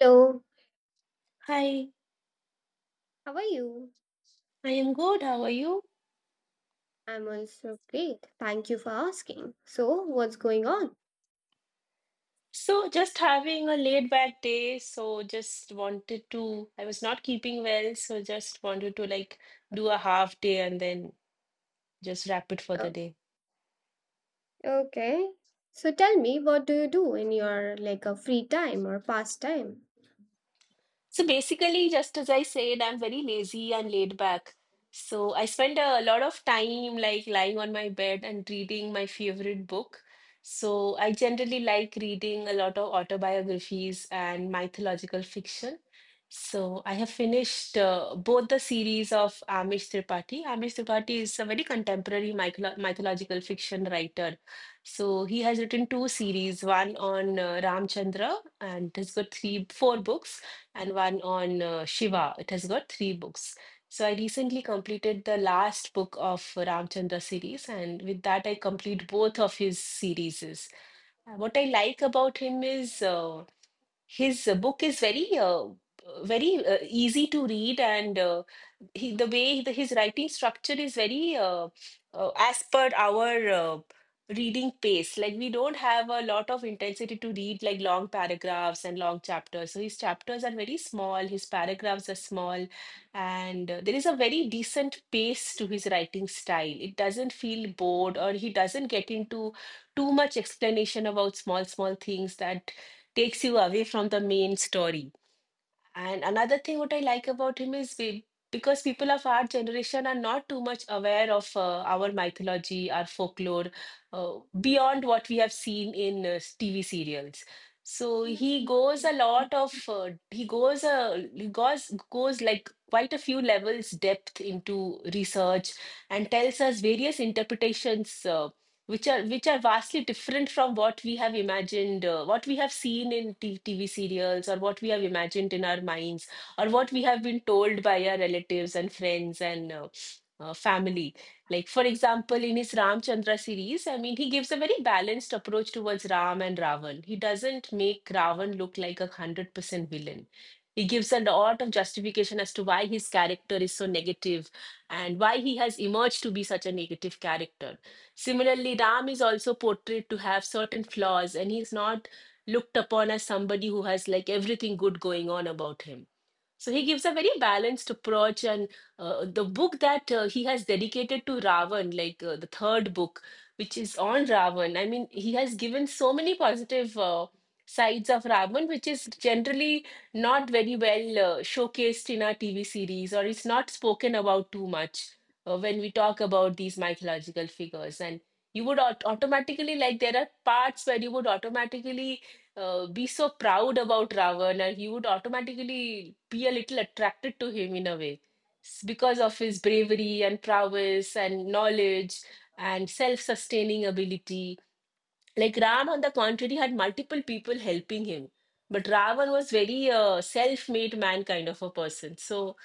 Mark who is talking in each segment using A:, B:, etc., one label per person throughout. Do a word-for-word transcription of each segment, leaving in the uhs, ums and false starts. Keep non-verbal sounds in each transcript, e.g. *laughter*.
A: Hello,
B: Hi,
A: how are you?
B: I am good. How are you?
A: I'm also great. Thank you for asking. So, what's going on?
B: So, just having a laid back day, so just wanted to, I was not keeping well, so just wanted to like do a half day and then just wrap it for the
A: Oh,
B: day.
A: okay. So, tell me, what do you do in your like a free time or pastime?
B: So basically, just as I said, I'm very lazy and laid back. So I spend a lot of time like lying on my bed and reading my favorite book. So I generally like reading a lot of autobiographies and mythological fiction. So I have finished uh, both the series of Amish Tripathi. Amish Tripathi is a very contemporary mytholo- mythological fiction writer. So he has written two series, one on uh, Ramchandra, and he's got three, four books and one on uh, Shiva. It has got three books. So I recently completed the last book of Ramchandra series, and with that I complete both of his series. Uh, What I like about him is. Uh, his uh, book is very uh, very uh, easy to read, and uh, he, the way the, his writing structure is very uh, uh, as per our uh, reading pace. Like we don't have a lot of intensity to read like long paragraphs and long chapters. So his chapters are very small, his paragraphs are small, and uh, there is a very decent pace to his writing style. It doesn't feel bored, or he doesn't get into too much explanation about small, small things that takes you away from the main story. And another thing what I like about him is we, because people of our generation are not too much aware of uh, our mythology, our folklore, uh, beyond what we have seen in uh, T V serials. So
A: Yes.
B: he goes a lot of uh, he goes a he goes goes like quite a few levels depth into research and tells us various interpretations uh, which are which are vastly different from what we have imagined, uh, what we have seen in T- TV serials, or what we have imagined in our minds, or what we have been told by our relatives and friends and uh, uh, family. Like for example, in his Ramchandra series, I mean, he gives a very balanced approach towards Ram and Ravan. He doesn't make Ravan look like a hundred percent villain. He gives a lot of justification as to why his character is so negative and why he has emerged to be such a negative character. Similarly, Ram is also portrayed to have certain flaws, and he's not looked upon as somebody who has like everything good going on about him. So he gives a very balanced approach, and uh, the book that uh, he has dedicated to Ravan, like uh, the third book, which is on Ravan. I mean, he has given so many positive uh, sides of Ravan, which is generally not very well uh, showcased in our T V series, or it's not spoken about too much uh, when we talk about these mythological figures. And you would aut- automatically, like, there are parts where you would automatically uh, be so proud about Ravana, and you would automatically be a little attracted to him in a way S- because of his bravery and prowess and knowledge and self-sustaining ability like Ram, on the contrary, had multiple people helping him. But Ravan was very uh, self-made man kind of a person. So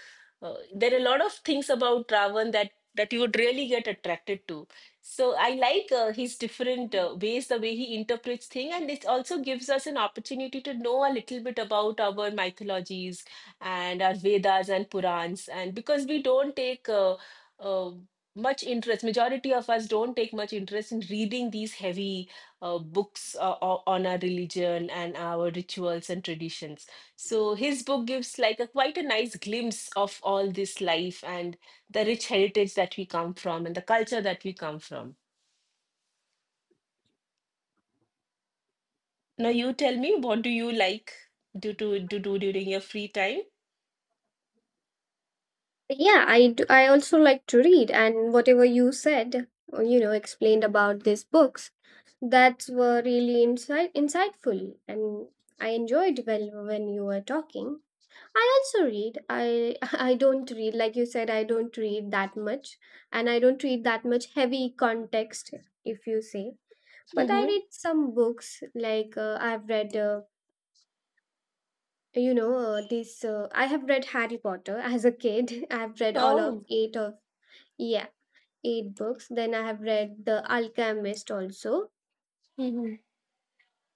B: uh, there are a lot of things about Ravan that that you would really get attracted to. So I like uh, his different uh, ways, the way he interprets things, and it also gives us an opportunity to know a little bit about our mythologies and our Vedas and Purans. And because we don't take uh, uh, much interest, majority of us don't take much interest in reading these heavy uh, books uh, o- on our religion and our rituals and traditions. So his book gives like a quite a nice glimpse of all this life and the rich heritage that we come from and the culture that we come from. Now you tell me, what do you like do to do, do during your free time?
A: Yeah, I do. I also like to read, and whatever you said, or, you know, explained about these books, that were really insight insightful, and I enjoyed well when you were talking. I also read. I *laughs* I don't read like you said I don't read that much and I don't read that much heavy context if you say. But I
B: Hmm.
A: read some books like uh, I've read uh, you know uh, this uh, I have read Harry Potter *laughs* as a kid. *laughs* I've read all of
B: Oh,
A: eight of yeah, eight books. Then I have read The Alchemist also.
B: hmm,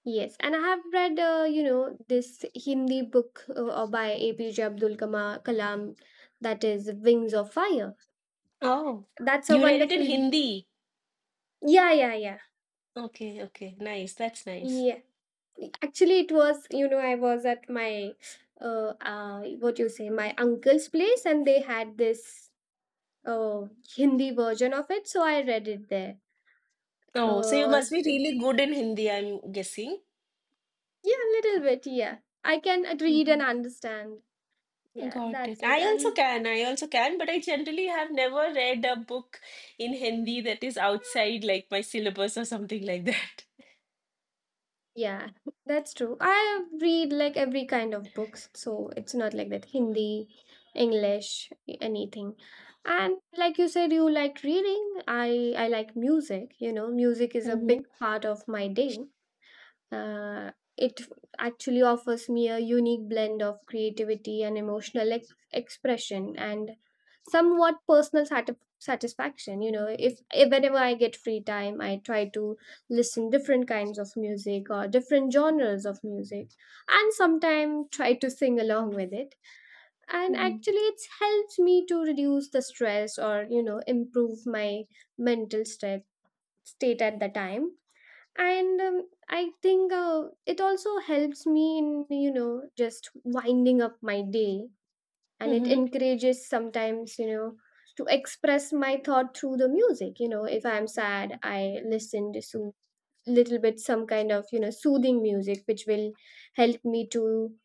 A: Yes, and I have read uh, you know this Hindi book uh, by A P J Abdul Kama- Kalam, that is Wings of Fire.
B: oh,
A: That's a
B: you read it in
A: wonderful.
B: Hindi.
A: Yeah, yeah, yeah.
B: Okay, okay, nice. That's nice.
A: Yeah. Actually, it was, you know, I was at my, uh, uh, what you say, my uncle's place, and they had this uh, Hindi version of it. So I read it there.
B: Oh, so you
A: Uh, or,
B: must be really good in Hindi, I'm guessing.
A: yeah, a little bit. Yeah. I can read and understand. Yeah,
B: Got
A: that's
B: it.
A: it.
B: I also
A: And
B: can. I also can, but I generally have never read a book in Hindi that is outside like my syllabus or something like that.
A: yeah, *laughs* that's true. I read like every kind of books, so it's not like that Hindi, English, y- anything. And like you said, you like reading. I I like music. You know, music is a big
B: Mm-hmm.
A: part of my day. Uh, it actually offers me a unique blend of creativity and emotional ex- expression and somewhat personal satis- satisfaction, you know. If, if whenever I get free time, I try to listen different kinds of music or different genres of music, and sometimes try to sing along with it, and
B: Mm-hmm.
A: actually it helps me to reduce the stress or you know improve my mental state state at the time. And um, I think uh, it also helps me in you know just winding up my day, and it
B: Mm-hmm.
A: encourages sometimes, you know, to express my thought through the music. You know, if I'm sad, I listen to so little bit some kind of you know soothing music which will help me to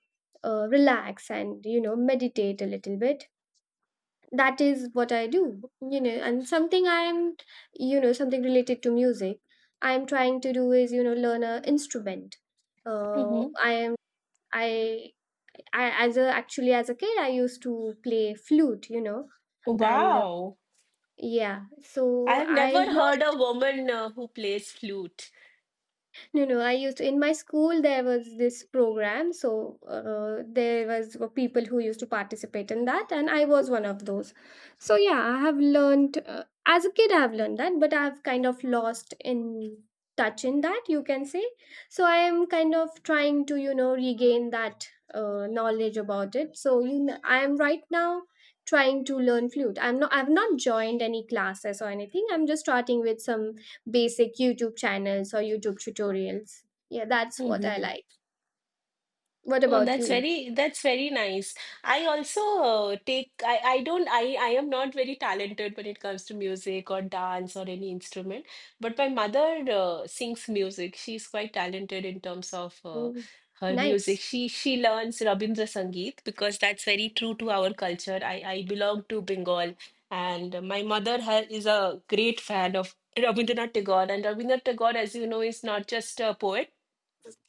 A: uh, relax and you know meditate a little bit. That is what I do, you know. And something I am, you know, something related to music I am trying to do is, you know, learn a instrument. uh,
B: Mm-hmm.
A: i am I, I as a actually as a kid I used to play flute, you know. And uh,
B: Wow.
A: yeah,
B: I
A: so
B: have never
A: I've
B: heard a
A: lost.
B: woman uh, who plays flute.
A: No, no. I used to, in my school there was this program, so uh, there was were people who used to participate in that, and I was one of those. So yeah, I have learned uh, as a kid. I have learned that, but I've kind of lost in touch in that, you can say. So I am kind of trying to you know regain that uh, knowledge about it. So you know, I am right now trying to learn flute. I'm not. I've not joined any classes or anything. I'm just starting with some basic YouTube channels or YouTube tutorials. Yeah, that's what I
B: Mm-hmm.
A: like. What
B: Oh,
A: about
B: that's
A: you?
B: very that's very nice. I also uh, take I I don't I I am not very talented when it comes to music or dance or any instrument, but my mother uh, sings music. She's quite talented in terms of uh,
A: Oh,
B: her music.
A: nice.
B: She she learns Rabindra Sangeet because that's very true to our culture. I I belong to Bengal, and my mother ha is a great fan of Rabindranath Tagore. And Rabindranath Tagore, as you know, is not just a poet.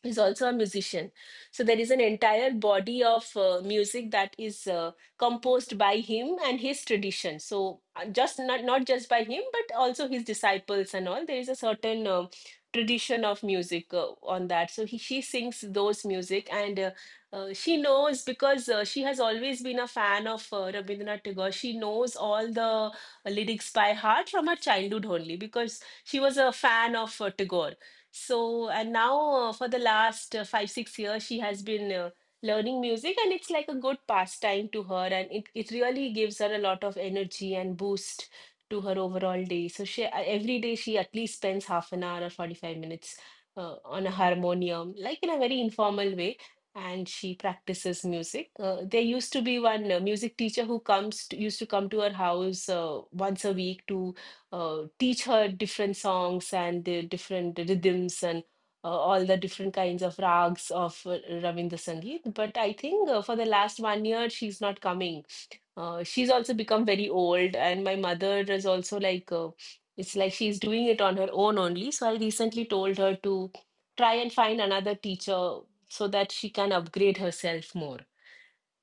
B: He's also a musician. So there is an entire body of uh, music that is uh, composed by him and his tradition. So uh, just not not just by him, but also his disciples and all. There is a certain uh, tradition of music uh, on that. So he she sings those music, and uh, uh, she knows because uh, she has always been a fan of uh, Rabindranath Tagore. She knows all the uh, lyrics by heart from her childhood only because she was a fan of uh, Tagore. So, and now uh, for the last uh, five, six years, she has been uh, learning music, and it's like a good pastime to her, and it, it really gives her a lot of energy and boost to her overall day. So she uh, every day she at least spends half an hour or forty-five minutes uh, on a harmonium, like in a very informal way, and she practices music. Uh, there used to be one uh, music teacher who comes to, used to come to her house uh, once a week to uh, teach her different songs and the different rhythms and uh, all the different kinds of rags of uh, Ravindra Sangeet. But I think uh, for the last one year, she's not coming. Uh, she's also become very old, and my mother is also like, uh, it's like she's doing it on her own only. So I recently told her to try and find another teacher so that she can upgrade herself more.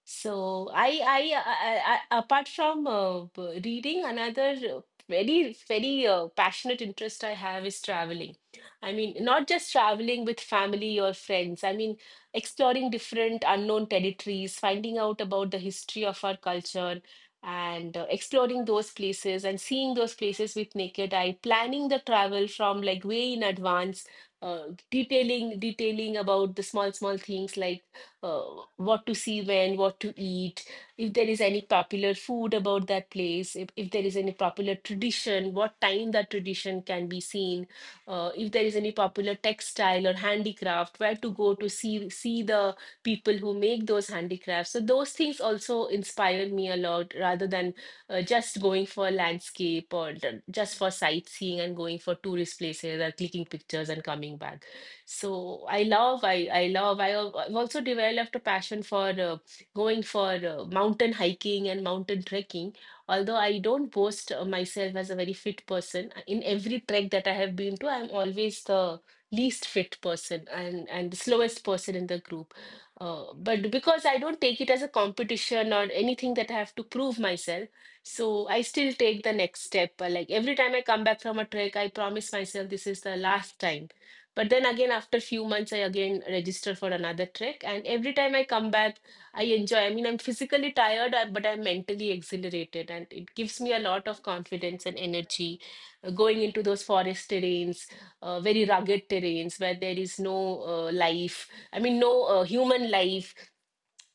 B: So I, I, I, I apart from uh, b- reading, another uh, very, very uh, passionate interest I have is traveling. I mean, not just traveling with family or friends. I mean, exploring different unknown territories, finding out about the history of our culture, and uh, exploring those places and seeing those places with naked eye. Planning the travel from like way in advance, uh, detailing, detailing about the small, small things like uh, what to see when, what to eat, if there is any popular food about that place, if, if there is any popular tradition, what time that tradition can be seen, uh, if there is any popular textile or handicraft, where to go to see see the people who make those handicrafts. So those things also inspire me a lot rather than uh, just going for landscape or ju- just for sightseeing and going for tourist places or clicking pictures and coming back. So I love, I I love. I al- I've also developed a passion for uh, going for uh, mountain hiking and mountain trekking. Although I don't boast uh, myself as a very fit person, uh, in every trek that I have been to, I'm always the least fit person and and the slowest person in the group. Uh, but because I don't take it as a competition or anything that I have to prove myself, so I still take the next step. Uh, Like every time I come back from a trek, I promise myself this is the last time, but then again after few months I again register for another trek. And every time I come back, I enjoy, I mean, I'm physically tired, uh, but I'm mentally exhilarated and it gives me a lot of confidence and energy uh, going into those forest terrains, uh, very rugged terrains where there is no uh, life, I mean, no uh, human life.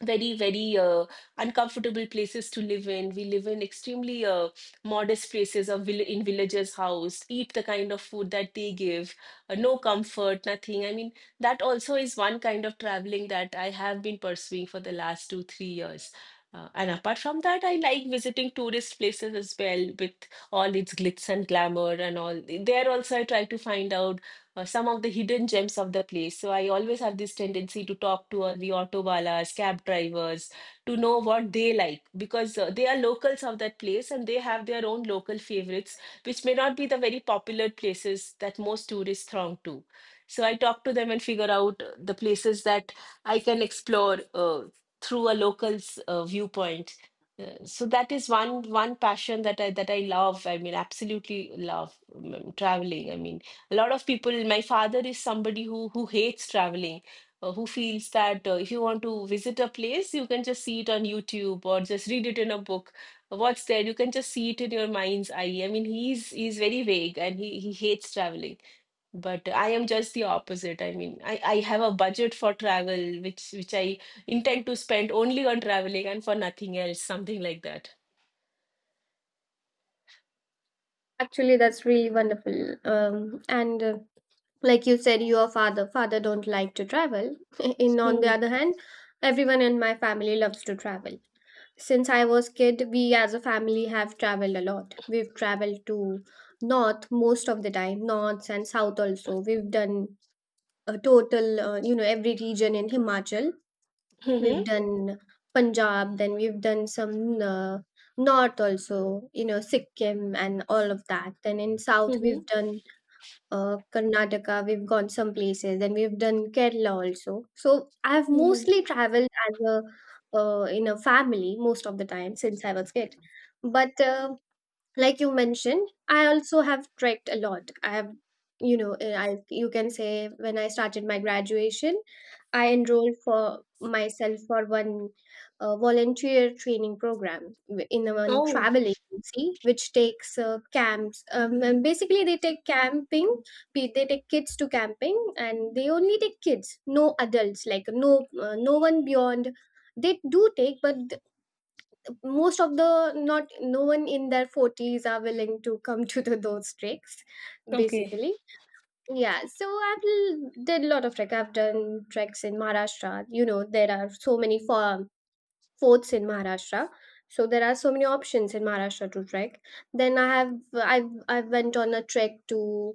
B: Very very uh, uncomfortable places to live in. We live in extremely uh, modest places of vill- in villagers house, eat the kind of food that they give, uh, no comfort, nothing, I mean, that also is one kind of traveling that I have been pursuing for the last two three years. Uh, and apart from that, I like visiting tourist places as well, with all its glitz and glamour and all. There also I try to find out uh, some of the hidden gems of the place. So I always have this tendency to talk to uh, the auto wallahs, cab drivers, to know what they like, because uh, they are locals of that place and they have their own local favorites, which may not be the very popular places that most tourists throng to. So I talk to them and figure out uh, the places that I can explore uh, through a local's uh, viewpoint. Uh, so that is one one passion that I that I love. I mean, absolutely love um, traveling. I mean, a lot of people, my father is somebody who who hates traveling, uh, who feels that uh, if you want to visit a place, you can just see it on YouTube or just read it in a book. What's there? You can just see it in your mind's eye. I mean, he's he's very vague and he he hates traveling, but I am just the opposite. I mean, I I have a budget for travel, which which I intend to spend only on traveling and for nothing else, something like that.
A: Actually, that's really wonderful. Um, and uh, like you said your father father don't like to travel, *laughs* and on the
B: Mm-hmm.
A: other hand everyone in my family loves to travel. Since I was kid, we as a family have traveled a lot. We've traveled to north most of the time, north and south also. We've done a total uh, you know every region in Himachal. We've done Punjab, then we've done some uh, north also, you know, Sikkim and all of that. Then in south we've
B: Mm-hmm.
A: done uh, Karnataka, we've gone some places, then we've done Kerala also. So I've
B: Mm-hmm.
A: mostly traveled as a uh, in a family most of the time since I was kid. But uh, like you mentioned, I also have trekked a lot. I have you know uh, i you can say, when I started my graduation, I enrolled for myself for one uh, volunteer training program w- in a one
B: Oh,
A: travel agency which takes uh, camps, um, and basically they take camping. Pe- they take kids to camping, and they only take kids, no adults, like no uh, no one beyond. They do take, but most of the not no one in their forties are willing to come to the, those treks
B: okay.
A: basically. Yeah, so i've l- did a lot of trek. I've done treks in Maharashtra. You know, there are so many for, forts in Maharashtra, so there are so many options in Maharashtra to trek. Then I have I've I went on a trek to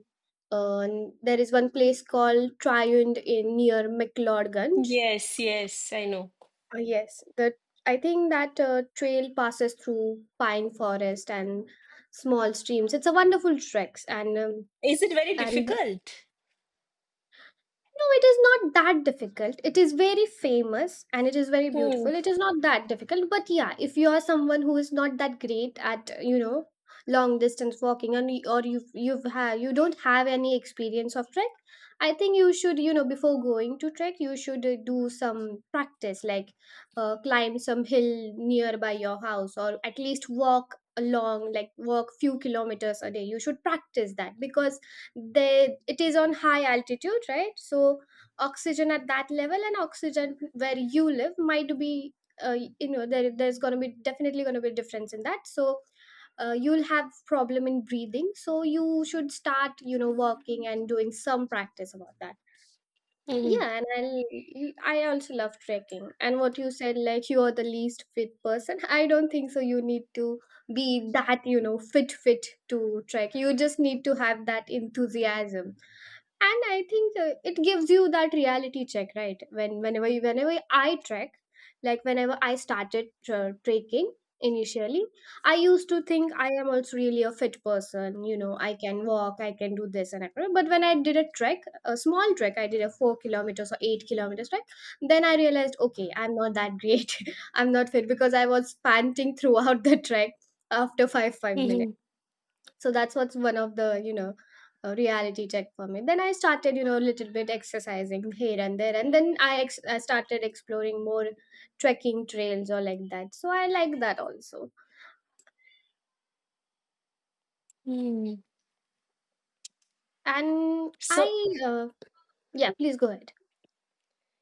A: uh, there is one place called Triund in near McLeodganj.
B: Yes, yes, I know.
A: Uh, yes, the I think that uh, trail passes through pine forest and small streams. It's a wonderful trek, and um,
B: Is it very
A: and
B: difficult?
A: no, it is not that difficult. It is very famous and it is very
B: Hmm.
A: beautiful. It is not that difficult, but yeah, if you are someone who is not that great at you know long distance walking, and y- or you you've had you don't have any experience of trek, I think you should, you know, before going to trek you should uh, do some practice, like uh, climb some hill nearby your house or at least walk along, like walk few kilometers a day. You should practice that because they it is on high altitude, right? So oxygen at that level and oxygen where you live might be uh, you know there there's going to be definitely going to be a difference in that, so uh, you'll have problem in breathing, so you should start, you know, walking and doing some practice about that.
B: Hmm.
A: Yeah, and i'll I also love trekking. And what you said, like you are the least fit person, *laughs* I don't think so you need to be that, you know, fit fit to trek. You just need to have that enthusiasm. And I think uh, it gives you that reality check, right? When whenever you, whenever i trek, like whenever i started uh, trekking initially, I used to think I am also really a fit person, you know, I can walk, I can do this and everything. But when I did a trek, a small trek, I did a four kilometers or eight kilometers trek, then I realized okay, I'm not that great. *laughs* I'm not fit because I was panting throughout the trek after 5 5
B: Hmm.
A: minutes. So that's what's one of the, you know, uh, reality check for me. Then I started, you know, a little bit exercising here and there. And then I, ex- I started exploring more trekking trails or like that. So I like that also.
B: Hmm.
A: And
B: So,
A: I, uh, yeah, please go ahead.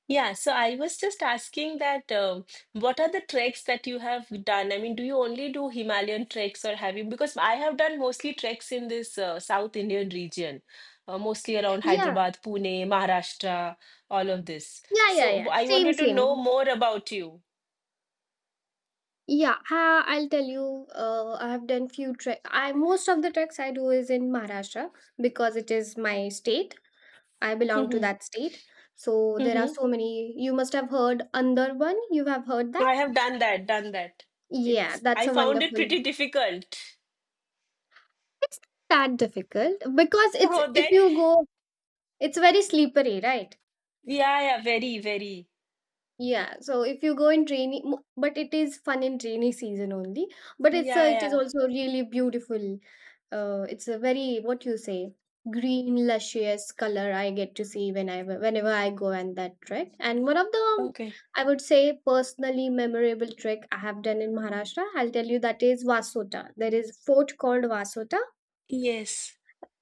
B: yeah, so I was just asking that, um, what are the treks that you have done? I mean, do you only do Himalayan treks or have you? Because I have done mostly treks in this uh, South Indian region, uh, mostly around
A: Yeah,
B: Hyderabad, Pune, Maharashtra, all of this.
A: yeah, yeah,
B: So w-
A: yeah.
B: I
A: Same,
B: wanted to know
A: same.
B: more about you.
A: Yeah, I, I'll tell you. Uh, I have done few trek. I Most of the treks I do is in Maharashtra because it is my state. I belong to
B: Hmm.
A: that state. So there are
B: Hmm.
A: so many. You must have heard Andarban. You have heard that?
B: I have done that, done that.
A: Yeah,
B: It's,
A: that's
B: I
A: a
B: found it
A: wonderful.
B: pretty difficult. *laughs*
A: It's not that difficult because it's
B: Oh,
A: if
B: then
A: you go, it's very slippery, right?
B: yeah, yeah, very, very.
A: Yeah, so if you go in rainy, mo- but it is fun in rainy season only. But it's
B: Yeah,
A: a, it is
B: yeah.
A: also really beautiful. uh, it's a very what you say green luscious color I get to see whenever whenever I go on that trek. And one of the,
B: Okay.
A: I would say, personally memorable trek I have done in Maharashtra, I'll tell you, that is Vasota. There is fort called Vasota,
B: Yes.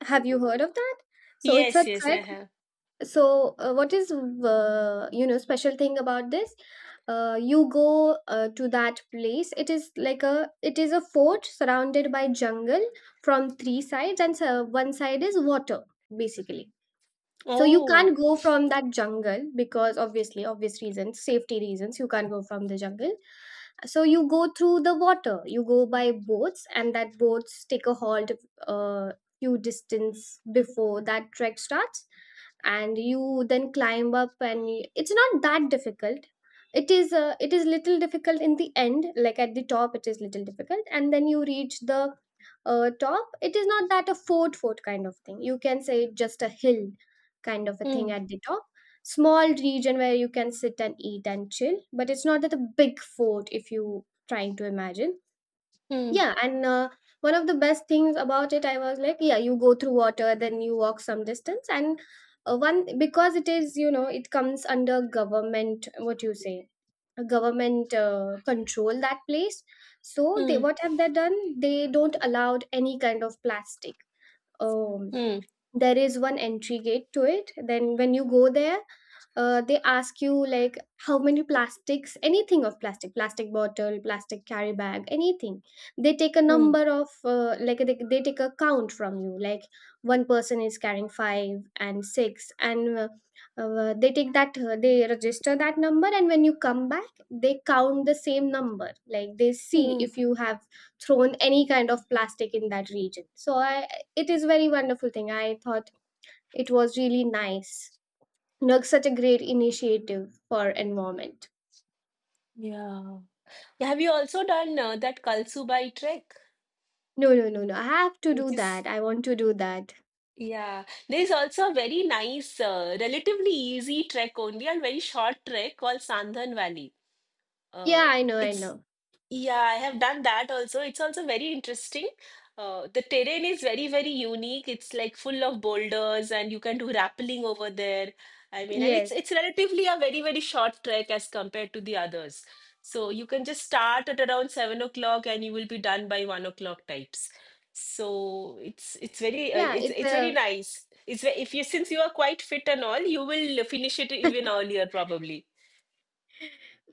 A: have you heard of that? So it's a
B: Yes, yes, I
A: trek.
B: have.
A: So, uh, what is uh, you know special thing about this? Uh, you go uh, to that place. It is like a it is a fort surrounded by jungle from three sides, and so one side is water basically. So you
B: Oh.
A: can't go from that jungle because obviously, obvious reasons, safety reasons, you can't go from the jungle. So you go through the water. You go by boats, and that boats take a halt a few distance before that trek starts, and you then climb up. And y- it's not that difficult. It is uh, it is little difficult in the end. Like at the top, it is little difficult, and then you reach the uh, top. It is not that a fort fort kind of thing. You can say just a hill kind of a thing
B: Hmm,
A: at the top. Small region where you can sit and eat and chill, but it's not that a big fort if you trying to imagine.
B: hmm,
A: Yeah, and uh, one of the best things about it, I was like, yeah, you go through water, then you walk some distance, and uh, one because it is, you know, it comes under government. What you say, a government uh, control that place. So they
B: hmm,
A: what have they done? They don't allowed any kind of plastic um
B: hmm,
A: there is one entry gate to it. Then when you go there, uh, they ask you like how many plastics, anything of plastic, plastic bottle, plastic carry bag, anything. They take a
B: hmm,
A: number of uh, like, they, they take a count from you, like one person is carrying five and six and uh, uh, they take that, uh, they register that number, and when you come back they count the same number, like they see
B: hmm.
A: if you have thrown any kind of plastic in that region. So I it is very wonderful thing, I thought. It was really nice. Look, such a great initiative for environment.
B: Yeah. Have you also done uh, that Kalsubai trek,
A: No, no, no, no, I have to do
B: which is,
A: that, I want to do that.
B: yeah. There is also a very nice, uh, relatively easy trek only and very short trek called Sandhan Valley. Uh,
A: Yeah, I know, I
B: it's
A: know.
B: yeah, I have done that also. It's also very interesting. Uh, the terrain is very, very unique. It's like full of boulders and you can do rappelling over there. I mean, and it's
A: Yes.
B: it's relatively a very, very short trek as compared to the others. So you can just start at around seven o'clock and you will be done by one o'clock types. So it's it's very uh,
A: Yeah,
B: it's
A: it's
B: it's very
A: a,
B: nice. It's ve- if you, since you are quite fit and all, you will finish it even earlier probably.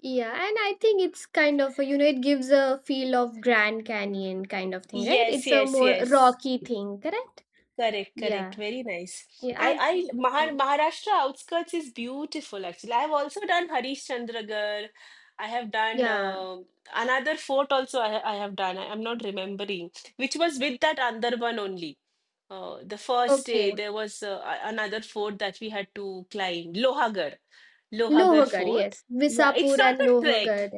A: yeah, and I think it's kind of a, you know, it gives a feel of Grand Canyon kind of thing, right?
B: Yes,
A: It's a
B: yes,
A: more
B: yes.
A: rocky thing, correct.
B: Correct, correct.
A: Yeah,
B: Very nice.
A: yeah,
B: I, I Mahar
A: I've,
B: Maharashtra outskirts is beautiful actually. I have also done Harishchandragarh. I have done
A: yeah.
B: uh, another fort also. I, ha- I have done. I am not remembering which was with that Andarban only. Uh, the first day
A: Okay.
B: there was uh, a- another fort that we had to climb. Lohagarh, Lohagarh
A: Lohogarh,
B: Fort.
A: yes,
B: Yeah, it's
A: Visapur
B: not
A: and
B: a trek.
A: Lohogarh.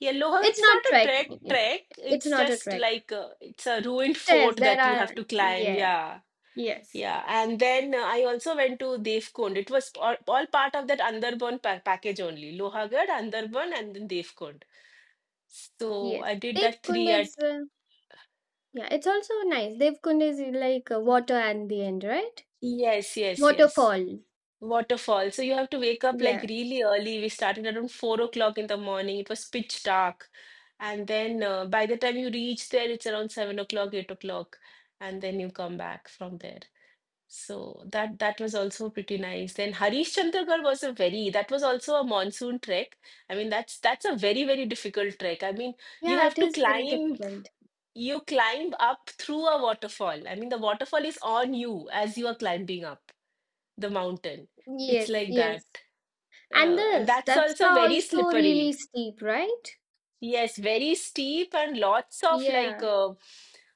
B: Yeah, Lohagarh.
A: It's
B: It's
A: not
B: not a trek.
A: trekking,
B: Trek.
A: it's
B: It's
A: not a
B: just
A: trek.
B: like uh, it's a ruined
A: Yes,
B: fort
A: there
B: that you
A: are.
B: have to climb.
A: Yeah,
B: Yeah.
A: yes,
B: Yeah, and then uh, I also went to Devkund. It was all, all part of that Andarban pa package only. Lohagarh, Andarban, and then Devkund. So
A: yes.
B: I did that three
A: Devkund is,
B: at,
A: uh, yeah, it's also nice. Devkund is uh, like uh, water at the end, right?
B: yes, yes, yes.
A: Waterfall.
B: Waterfall. So you have to wake up like
A: Yeah,
B: really early. We started around four o'clock in the morning. It was pitch dark. And then uh, by the time you reach there, it's around seven o'clock, eight o'clock. And then you come back from there. So that that was also pretty nice. Then Harishchandragarh was a very, that was also a monsoon trek. I mean, that's that's a very very difficult trek. I mean, you
A: yeah, it
B: have to
A: is very
B: climb,
A: difficult.
B: you climb up through a waterfall. I mean, the waterfall is on you as you are climbing up the mountain. It's
A: Yes,
B: like that,
A: yes. And
B: uh, and
A: the
B: that's
A: steps
B: also
A: are
B: very
A: also really
B: slippery.
A: steep, right?
B: Yes, very steep and lots of like
A: Yeah.
B: uh,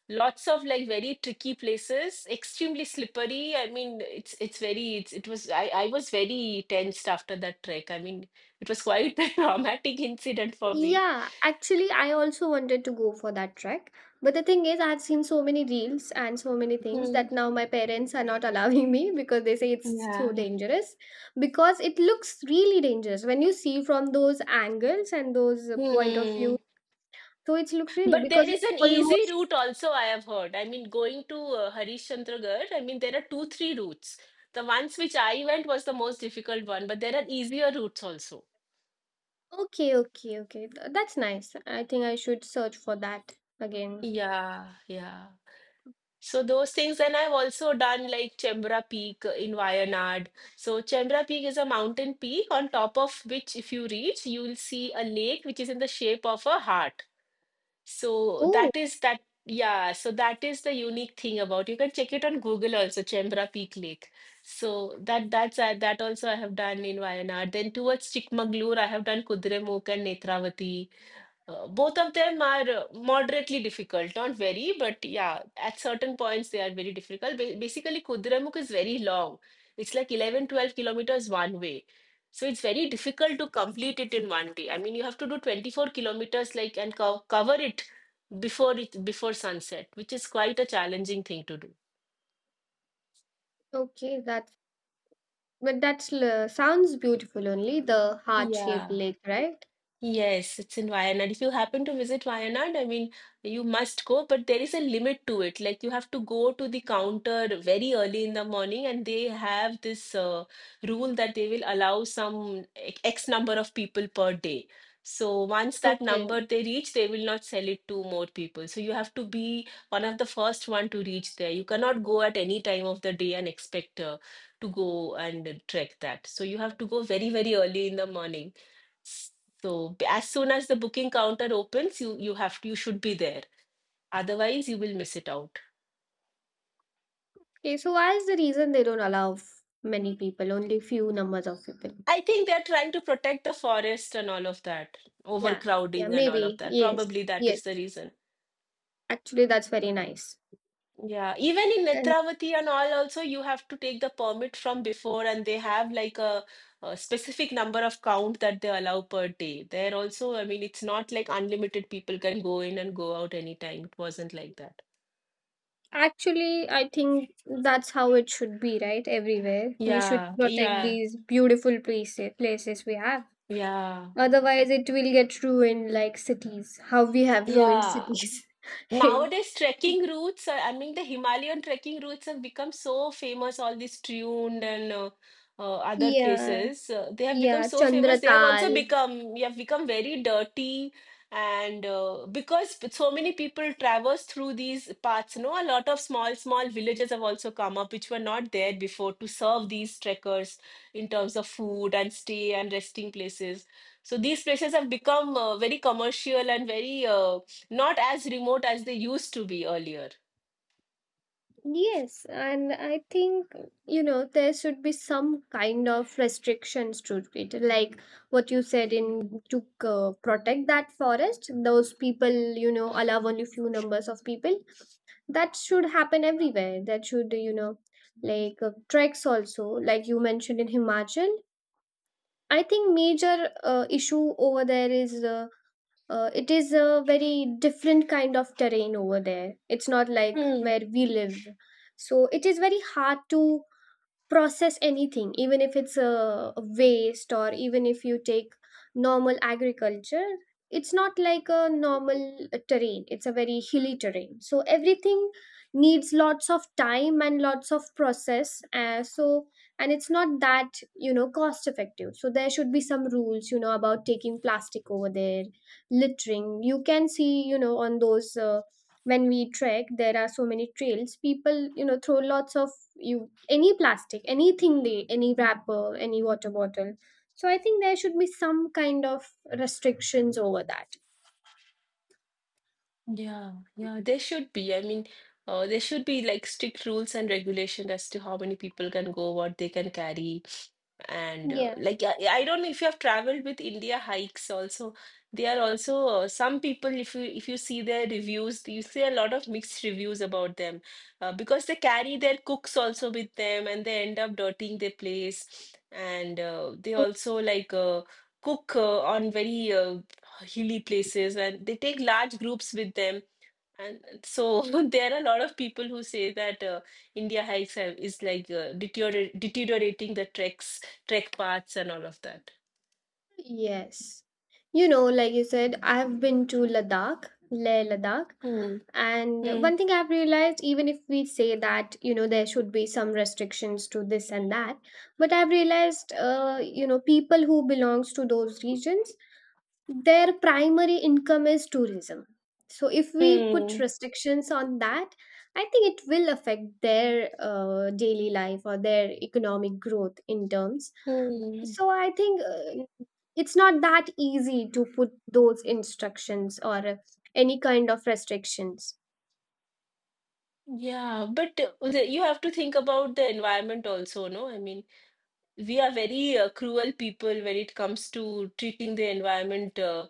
B: lots of like very tricky places, extremely slippery. I mean, it's it's very it's it was I I was very tensed after that trek. I mean, it was quite *laughs* a traumatic incident for me.
A: Yeah, actually, I also wanted to go for that trek. But the thing is, I've seen so many reels and so many things
B: Hmm.
A: that now my parents are not *laughs* allowing me because they say it's so
B: Yeah.
A: dangerous. Because it looks really dangerous when you see from those angles and those uh, point of view.
B: Hmm.
A: So it looks really
B: But there
A: because
B: is
A: it's
B: an easy
A: almost
B: route also, I have heard. I mean, going to uh, Harishchandragarh, I mean, there are two, three routes. The ones which I went was the most difficult one, but there are easier routes also.
A: okay, okay, okay. Th- That's nice. I think I should search for that again.
B: Yeah, yeah. So those things, and I've also done like Chembra Peak in Wayanad. So Chembra Peak is a mountain peak on top of which, if you reach, you will see a lake which is in the shape of a heart. So
A: Oh,
B: that is that, yeah. So that is the unique thing about. You can check it on Google also, Chembra Peak Lake. So that that's uh, that also I have done in Wayanad. Then towards Chikmagalur, I have done Kudremukh and Netravati. Uh, both of them are uh, moderately difficult, not very, but yeah, at certain points they are very difficult. Ba- basically, Kudramukh is very long. It's like eleven, twelve kilometers one way. So it's very difficult to complete it in one day. I mean, you have to do twenty-four kilometers like and co cover it before it, before sunset, which is quite a challenging thing to do.
A: okay, that's but that's l- sounds beautiful only, the heart shaped
B: Yeah.
A: lake, right?
B: Yes, it's in Wayanad. If you happen to visit Wayanad, I mean, you must go, but there is a limit to it. Like, you have to go to the counter very early in the morning, and they have this uh, rule that they will allow some ex- X number of people per day. So, once that
A: Okay.
B: number they reach, they will not sell it to more people. So, you have to be one of the first one to reach there. You cannot go at any time of the day and expect uh, to go and trek that. So, you have to go very, very early in the morning. So b- as soon as the booking counter opens, you you have you should be there. Otherwise, you will miss it out.
A: Okay, so why is the reason they don't allow f- many people, only few numbers of people?
B: I think they're trying to protect the forest and all of that,
A: Yeah, yeah,
B: overcrowding and all of
A: maybe.
B: that.
A: Yes,
B: Probably that is the
A: yes.
B: reason.
A: Actually, that's very nice.
B: Yeah, even in
A: And
B: Netravati and all, also you have to take the permit from before, and they have like a, a specific number of count that they allow per day. There also, I mean, it's not like unlimited people can go in and go out anytime. It wasn't like that.
A: actually, I think that's how it should be, right? Everywhere. We should
B: Yeah,
A: protect
B: yeah,
A: these beautiful places places we have.
B: yeah.
A: Otherwise, it will get ruined like cities. How we have ruined
B: Yeah,
A: cities. *laughs*
B: nowadays, trekking routes, uh, I mean, the Himalayan trekking routes have become so famous, all these tuned and uh, uh, other
A: Yeah,
B: places. Uh, they have become
A: yeah.
B: so famous. They have
A: Chandratal.
B: also become, you have become very dirty. And uh, because p- so many people traverse through these paths, no, a lot of small, small villages have also come up, which were not there before to serve these trekkers in terms of food and stay and resting places. So these places have become uh, very commercial and very uh, not as remote as they used to be earlier.
A: Yes, and I think you know there should be some kind of restrictions to it, like what you said in to uh, protect that forest. Those people, you know, allow only few numbers of people. That should happen everywhere. That should, you know, like uh, treks also, like you mentioned in Himachal. I think major uh, issue over there is uh, uh, it is a very different kind of terrain over there. It's not like
B: Hmm.
A: where we live. So it is very hard to process anything, even if it's a waste or even if you take normal agriculture. It's not like a normal uh, terrain, it's a very hilly terrain, so everything needs lots of time and lots of process, uh, so, and it's not that you know cost effective. So there should be some rules, you know, about taking plastic over there. Littering, you can see, you know, on those uh, when we trek there are so many trails. People, you know, throw lots of, you, any plastic, anything they, any wrapper, any water bottle. So I think there should be some kind of restrictions over that.
B: Yeah, yeah, there should be. I mean, uh, there should be like strict rules and regulation as to how many people can go, what they can carry. And uh,
A: Yeah.
B: like, I, I don't know if you have traveled with India hikes also. They are also uh, some people, if you, if you see their reviews, you see a lot of mixed reviews about them, uh, because they carry their cooks also with them and they end up dirtying their place. And uh, they
A: Oh,
B: also like uh, cook uh, on very uh, hilly places and they take large groups with them. And so *laughs* there are a lot of people who say that uh, India hikes have, is like uh, deterior deteriorating the treks, trek paths and all of that.
A: yes. You know, like you said, I've been to Ladakh, Leh Ladakh,
B: Hmm.
A: and
B: Hmm.
A: one thing I've realized, even if we say that, you know, there should be some restrictions to this and that, but I've realized, uh, you know, people who belongs to those regions, their primary income is tourism. So if we put
B: Hmm.
A: restrictions on that, I think it will affect their uh, daily life or their economic growth in terms.
B: Hmm.
A: So I think uh, it's not that easy to put those instructions or uh, any kind of restrictions.
B: Yeah, but uh, the- you have to think about the environment also, no? I mean, we are very uh, cruel people when it comes to treating the environment uh,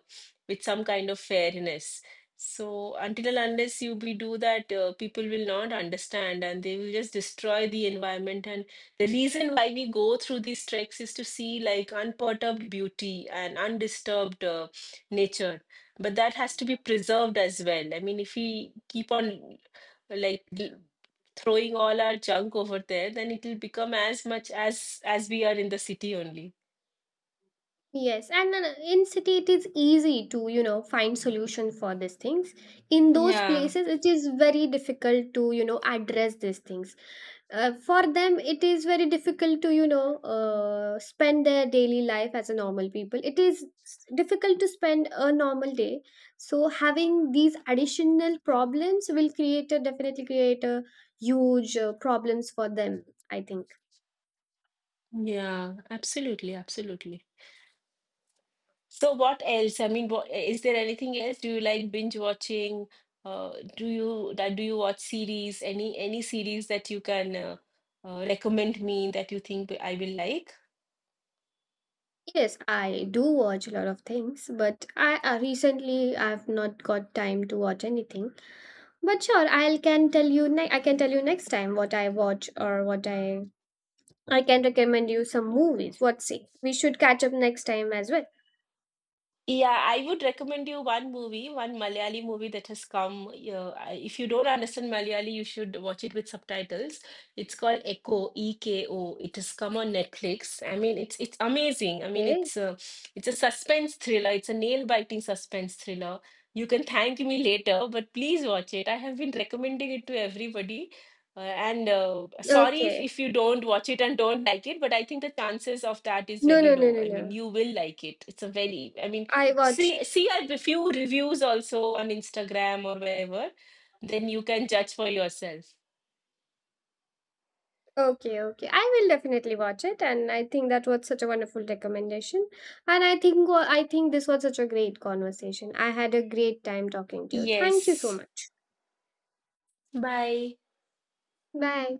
B: with some kind of fairness. So until and unless you we do that, uh, people will not understand and they will just destroy the environment. And the reason why we go through these treks is to see like unperturbed beauty and undisturbed uh, nature. But that has to be preserved as well. I mean, if we keep on like l- throwing all our junk over there, then it'll become as much as as we are in the city only.
A: Yes, and then in city it is easy to, you know, find solution for these things. In those
B: Yeah,
A: places, it is very difficult to, you know, address these things. Uh, for them, it is very difficult to you know uh, spend their daily life as a normal people. It is s- difficult to spend a normal day. So having these additional problems will create a definitely create a huge uh, problems for them. I think.
B: yeah, absolutely, absolutely. So what else? I mean, what, is there anything else? Do you like binge watching? Uh, do you that do you watch series? Any any series that you can uh, uh, recommend me that you think I will like?
A: Yes, I do watch a lot of things, but I uh, recently I've not got time to watch anything. But sure, I'll can tell you ne- I can tell you next time what I watch or what I I can recommend you some movies. What say? We should catch up next time as well.
B: Yeah, I would recommend you one movie, one Malayali movie that has come. Uh, I- if you don't understand Malayali, you should watch it with subtitles. It's called Echo, E K O. It has come on Netflix. I mean, it's it's amazing. I mean,
A: Okay?
B: it's a, it's a suspense thriller. It's a nail-biting suspense thriller. You can thank me later, but please watch it. I have been recommending it to everybody. Uh, and uh, sorry if,
A: Okay.
B: if you don't watch it and don't like it, but I think the chances of that is
A: No,
B: very
A: no, no,
B: low.
A: no,
B: I
A: no.
B: mean, you will like it. It's a very, I mean,
A: I watch.
B: see, see a few reviews also on Instagram or wherever. Then you can judge for yourself.
A: Okay, okay. I will definitely watch it, and I think that was such a wonderful recommendation. And I think wa- I think this was such a great conversation. I had a great time talking to you. Thank you so
B: Yes.
A: much.
B: Bye.
A: Bye.